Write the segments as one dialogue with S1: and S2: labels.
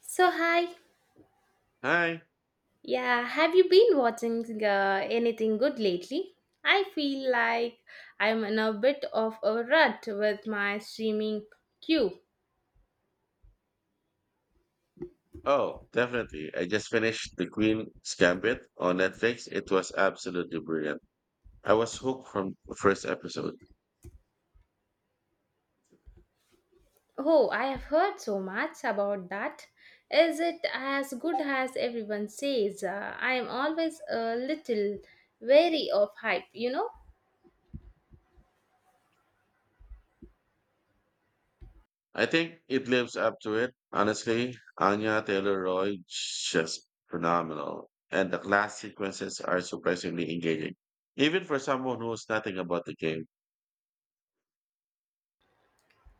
S1: So, hi.
S2: Hi.
S1: Yeah, have you been watching anything good lately? I feel like I'm in a bit of a rut with my streaming queue.
S2: Oh, definitely. I just finished The Queen's Gambit on Netflix. It was absolutely brilliant. I was hooked from the first episode.
S1: Oh, I have heard so much about that. Is it as good as everyone says? I'm always a little wary of hype, you know?
S2: I think it lives up to it. Honestly, Anya Taylor-Joy just phenomenal. And the class sequences are surprisingly engaging, even for someone who knows nothing about the game.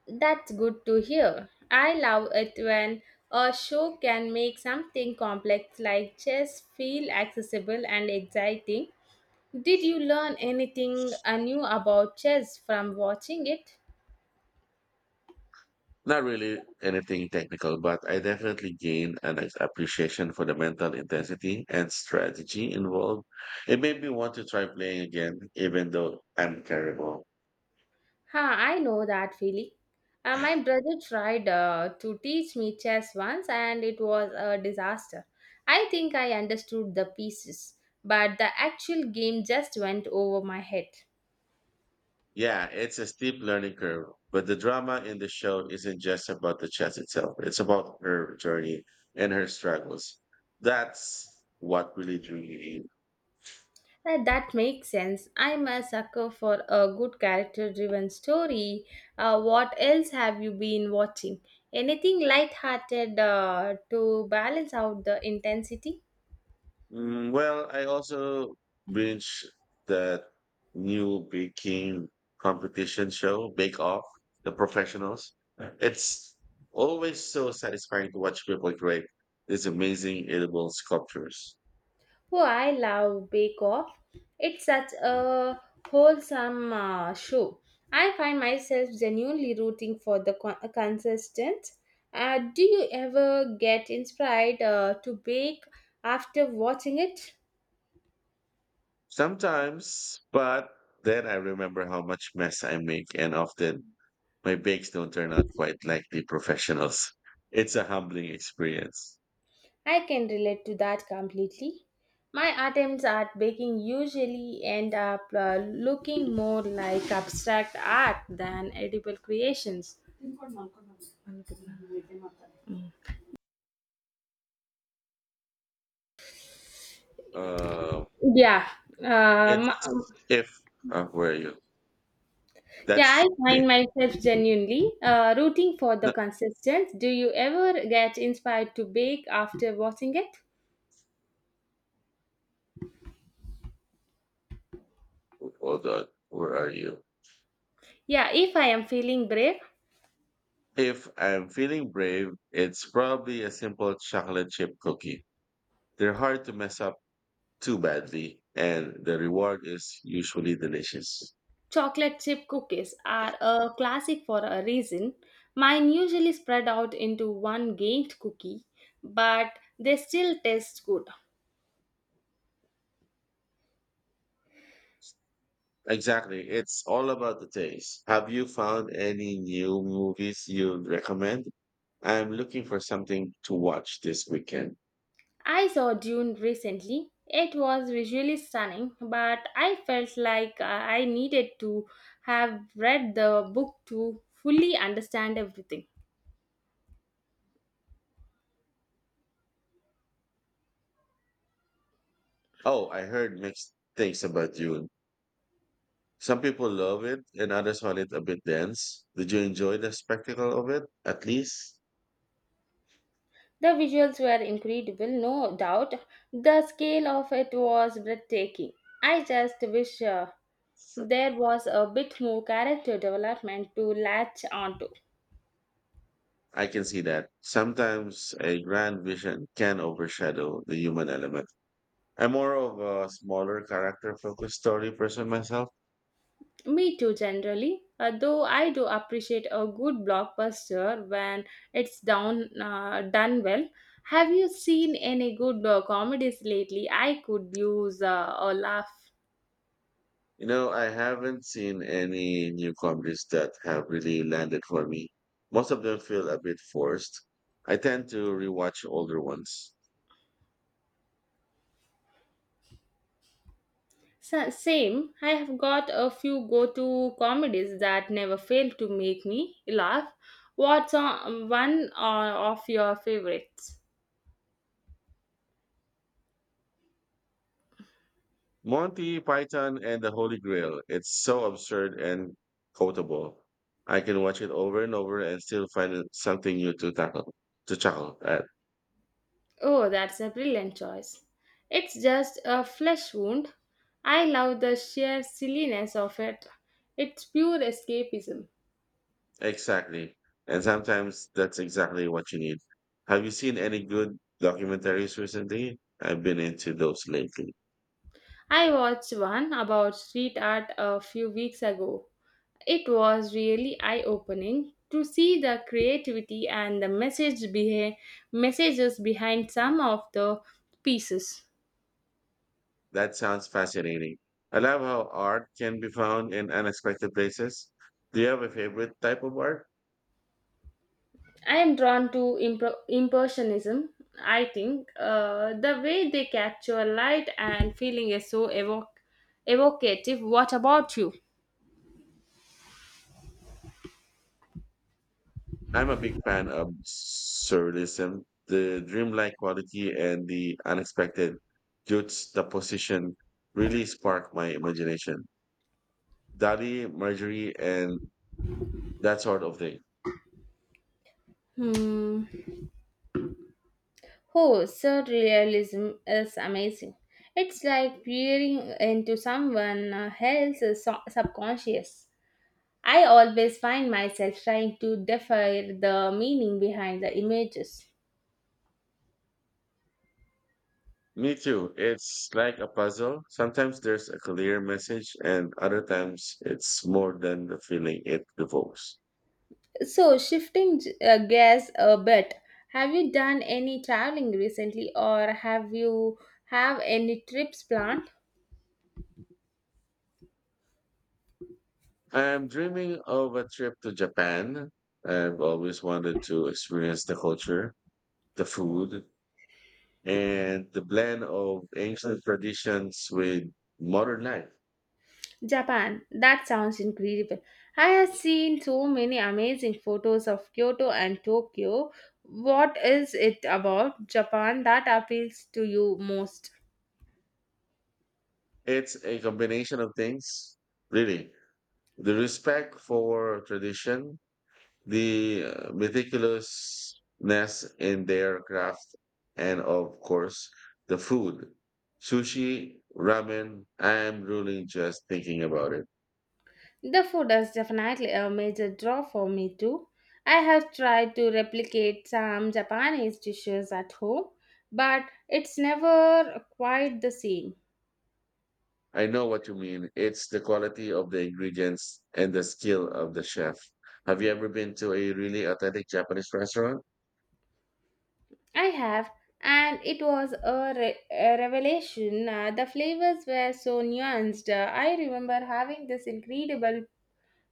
S1: That's good to hear. I love it when a show can make something complex like chess feel accessible and exciting. Did you learn anything new about chess from watching it?
S2: Not really anything technical, but I definitely gained appreciation for the mental intensity and strategy involved. It made me want to try playing again, even though I'm terrible.
S1: Ha, I know that feeling. My brother tried to teach me chess once and it was a disaster. I think I understood the pieces, but the actual game just went over my head.
S2: Yeah, it's a steep learning curve, but the drama in the show isn't just about the chess itself. It's about her journey and her struggles. That's what really drew me in.
S1: That makes sense. I'm a sucker for a good character driven story. What else have you been watching? Anything light-hearted to balance out the intensity?
S2: Well, I also binge that new baking competition show, Bake Off, The Professionals. It's always so satisfying to watch people create these amazing edible sculptures.
S1: Oh, I love Bake Off. It's such a wholesome show. I find myself genuinely rooting for the consistent. Do you ever get inspired to bake after watching it?
S2: Sometimes, but then I remember how much mess I make, and often my bakes don't turn out quite like the professionals. It's a humbling experience.
S1: I can relate to that completely. My attempts at baking usually end up looking more like abstract art than edible creations.
S2: Uh,
S1: Yeah, um,
S2: it's if where are you?
S1: yeah,
S2: That's
S1: I find
S2: okay.
S1: myself genuinely rooting for the consistency. Do you ever get inspired to bake after watching it?
S2: Hold on. Where are you?
S1: Yeah, if I am feeling brave,
S2: If I'm feeling brave, it's probably a simple chocolate chip cookie. They're hard to mess up too badly, and the reward is usually delicious.
S1: chocolate chip cookies are a classic for a reason. Mine usually spread out into one gained cookie, but they still taste good.
S2: Exactly. It's all about the taste. Have you found any new movies you'd recommend? I'm looking for something to watch this weekend.
S1: I saw Dune recently. It was visually stunning, but I felt like I needed to have read the book to fully understand everything.
S2: Oh, I heard mixed things about Dune. Some people love it and others find it a bit dense. Did you enjoy the spectacle of it? At least
S1: The visuals were incredible, no doubt. The scale of it was breathtaking. I just wish there was a bit more character development to latch onto.
S2: I can see that. Sometimes a grand vision can overshadow the human element. I'm more of a smaller character focused story person myself.
S1: Me too, generally. Though I do appreciate a good blockbuster when done well. Have you seen any good comedies lately? I could use a laugh.
S2: You know, I haven't seen any new comedies that have really landed for me. Most of them feel a bit forced. I tend to rewatch older ones.
S1: Same. I have got a few go-to comedies that never fail to make me laugh. What's on, one of your favorites?
S2: Monty Python and the Holy Grail. It's so absurd and quotable. I can watch it over and over and still something new to tackle, to chuckle at.
S1: Oh, that's a brilliant choice. It's just a flesh wound. I love the sheer silliness of it. It's pure escapism.
S2: Exactly. And sometimes that's exactly what you need. Have you seen any good documentaries recently? I've been into those lately.
S1: I watched one about street art a few weeks ago. It was really eye opening to see the creativity and the messages behind some of the pieces.
S2: That sounds fascinating. I love how art can be found in unexpected places. Do you have a favorite type of art?
S1: I am drawn to impressionism. I think the way they capture light and feeling is so evocative. What about you?
S2: I'm a big fan of surrealism, the dreamlike quality and the unexpected juxtaposition really spark my imagination. Dali, Marjorie, and that sort of thing.
S1: Hmm. Oh, surrealism is amazing. It's like peering into someone else's subconscious. I always find myself trying to decipher the meaning behind the images.
S2: Me too. It's like a puzzle. Sometimes there's a clear message, and other times it's more than the feeling it evokes.
S1: So, shifting gears a bit, have you done any traveling recently or have any trips planned?
S2: I'm dreaming of a trip to Japan. I've always wanted to experience the culture, the food, and the blend of ancient traditions with modern life.
S1: Japan, that sounds incredible. I have seen so many amazing photos of Kyoto and Tokyo. What is it about Japan that appeals to you most?
S2: It's a combination of things, really. The respect for tradition, the meticulousness in their craft, and of course, the food. Sushi, ramen, I'm drooling just thinking about it.
S1: The food is definitely a major draw for me too. I have tried to replicate some Japanese dishes at home, but it's never quite the same.
S2: I know what you mean. It's the quality of the ingredients and the skill of the chef. Have you ever been to a really authentic Japanese restaurant?
S1: I have, and it was a revelation. The flavors were so nuanced. I remember having this incredible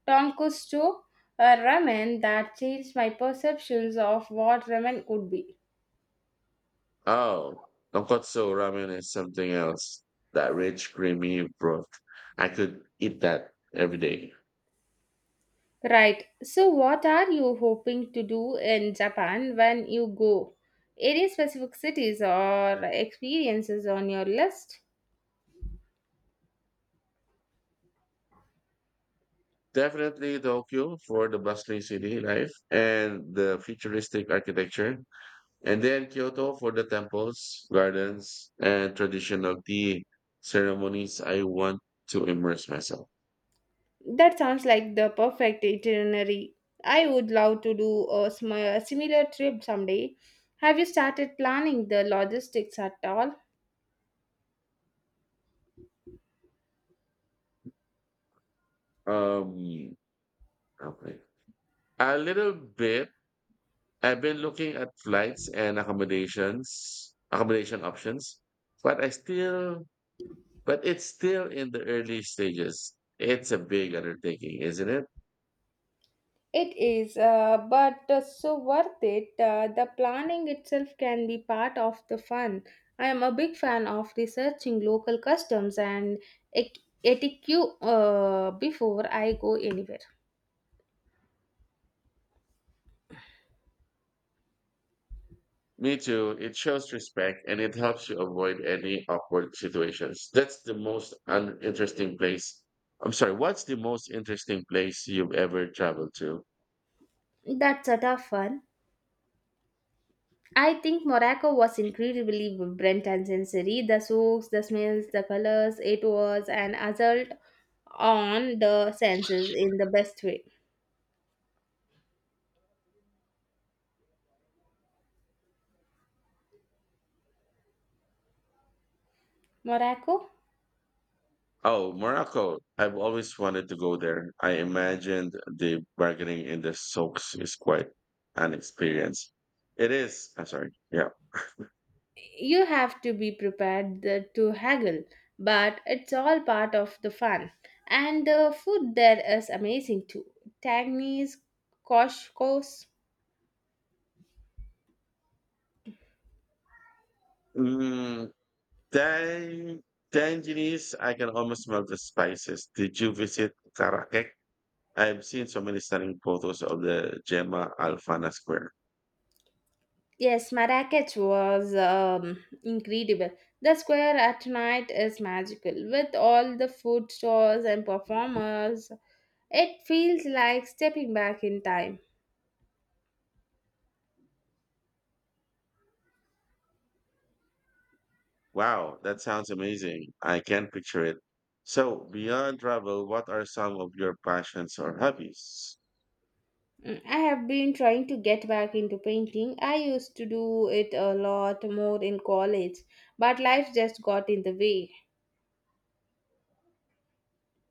S1: tonkotsu ramen that changed my perceptions of what ramen could be.
S2: Oh, tonkotsu ramen is something else. That rich, creamy broth. I could eat that every day.
S1: Right. So, what are you hoping to do in Japan when you go? Any specific cities or experiences on your list?
S2: Definitely Tokyo for the bustling city life and the futuristic architecture, and then Kyoto for the temples, gardens, and traditional tea ceremonies. I want to immerse myself.
S1: That sounds like the perfect itinerary. I would love to do a similar trip someday. Have you started planning the logistics at all?
S2: Um, okay, a little bit. I've been looking at flights and accommodation options, but I still, but it's still in the early stages. It's a big undertaking, isn't it?
S1: It is, but so worth it. The planning itself can be part of the fun. I am a big fan of researching local customs and ec- etiquette before I go anywhere.
S2: Me too. It shows respect and it helps you avoid any awkward situations. That's the most uninteresting place. I'm sorry, what's the most interesting place you've ever traveled to?
S1: That's sort of fun. I think Morocco was incredibly vibrant and sensory. The souks, the smells, the colors, it was an assault on the senses in the best way. Morocco?
S2: Oh, Morocco. I've always wanted to go there. I imagined the bargaining in the souks is quite an experience. It is. I'm sorry. Yeah.
S1: You have to be prepared to haggle, but it's all part of the fun, and the food there is amazing too. Tagines, koshkos.
S2: Mm, tang, tangerines, I can almost smell the spices. Did you visit Karakek? I've seen so many stunning photos of the Gemma Alfana Square.
S1: Yes, marrakech was incredible. The square at night is magical with all the food stores and performers. It feels like stepping back in time.
S2: Wow, that sounds amazing. I can picture it. So, beyond travel, what are some of your passions or hobbies?
S1: Mm, I have been trying to get back into painting. I used to do it a lot more in college, but life just got in the way.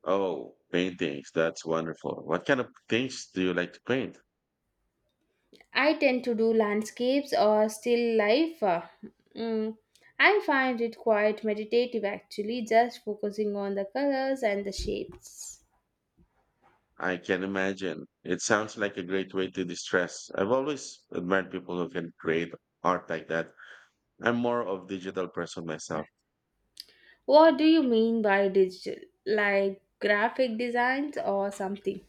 S2: Oh, paintings. That's wonderful. What kind of things do you like to paint?
S1: I tend to do landscapes or still life. Mm, I find it quite meditative actually, just focusing on the colors and the shapes.
S2: I can imagine. It sounds like a great way to distress. I've always admired people who can create art like that. I'm more of digital person myself.
S1: What do you mean by digital? Like graphic designs or something?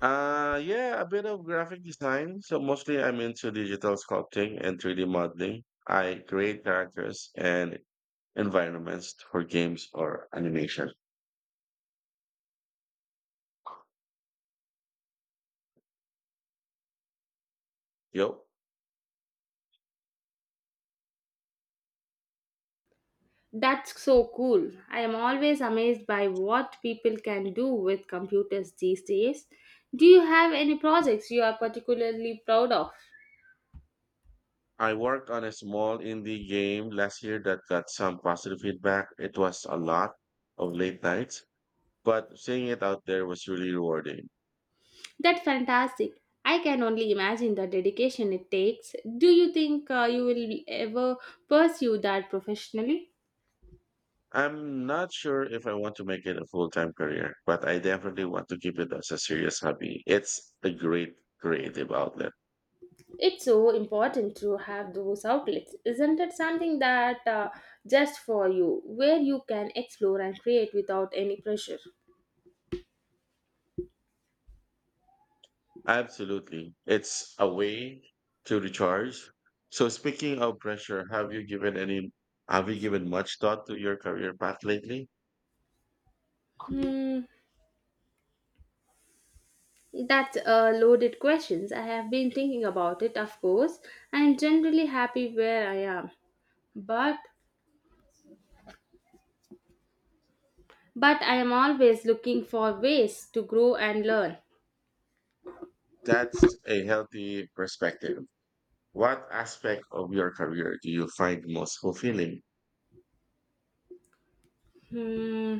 S2: Yeah, a bit of graphic design. So mostly I'm into digital sculpting and 3D modeling. I create characters and environments for games or animation. Yo.
S1: That's so cool. I am always amazed by what people can do with computers these days. Do you have any projects you are particularly proud of?
S2: I worked on a small indie game last year that got some positive feedback. It was a lot of late nights, but seeing it out there was really rewarding.
S1: That's fantastic. I can only imagine the dedication it takes. Do you think you will ever pursue that professionally?
S2: I'm not sure if I want to make it a full time career, but I definitely want to keep it as a serious hobby. It's a great creative outlet.
S1: It's so important to have those outlets. Isn't it something that just for you, where you can explore and create without any pressure?
S2: Absolutely. It's a way to recharge. So speaking of pressure, have you given much thought to your career path lately?
S1: Hmm. That's a loaded questions. I have been thinking about it, of course. I am generally happy where I am, but I am always looking for ways to grow and learn.
S2: That's a healthy perspective. What aspect of your career do you find most fulfilling?
S1: Hmm.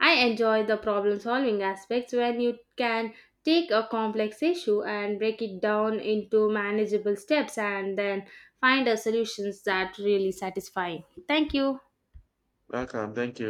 S1: I enjoy the problem solving aspects when you can take a complex issue and break it down into manageable steps and then find a solutions that really satisfying. Thank you.
S2: Welcome. Thank you.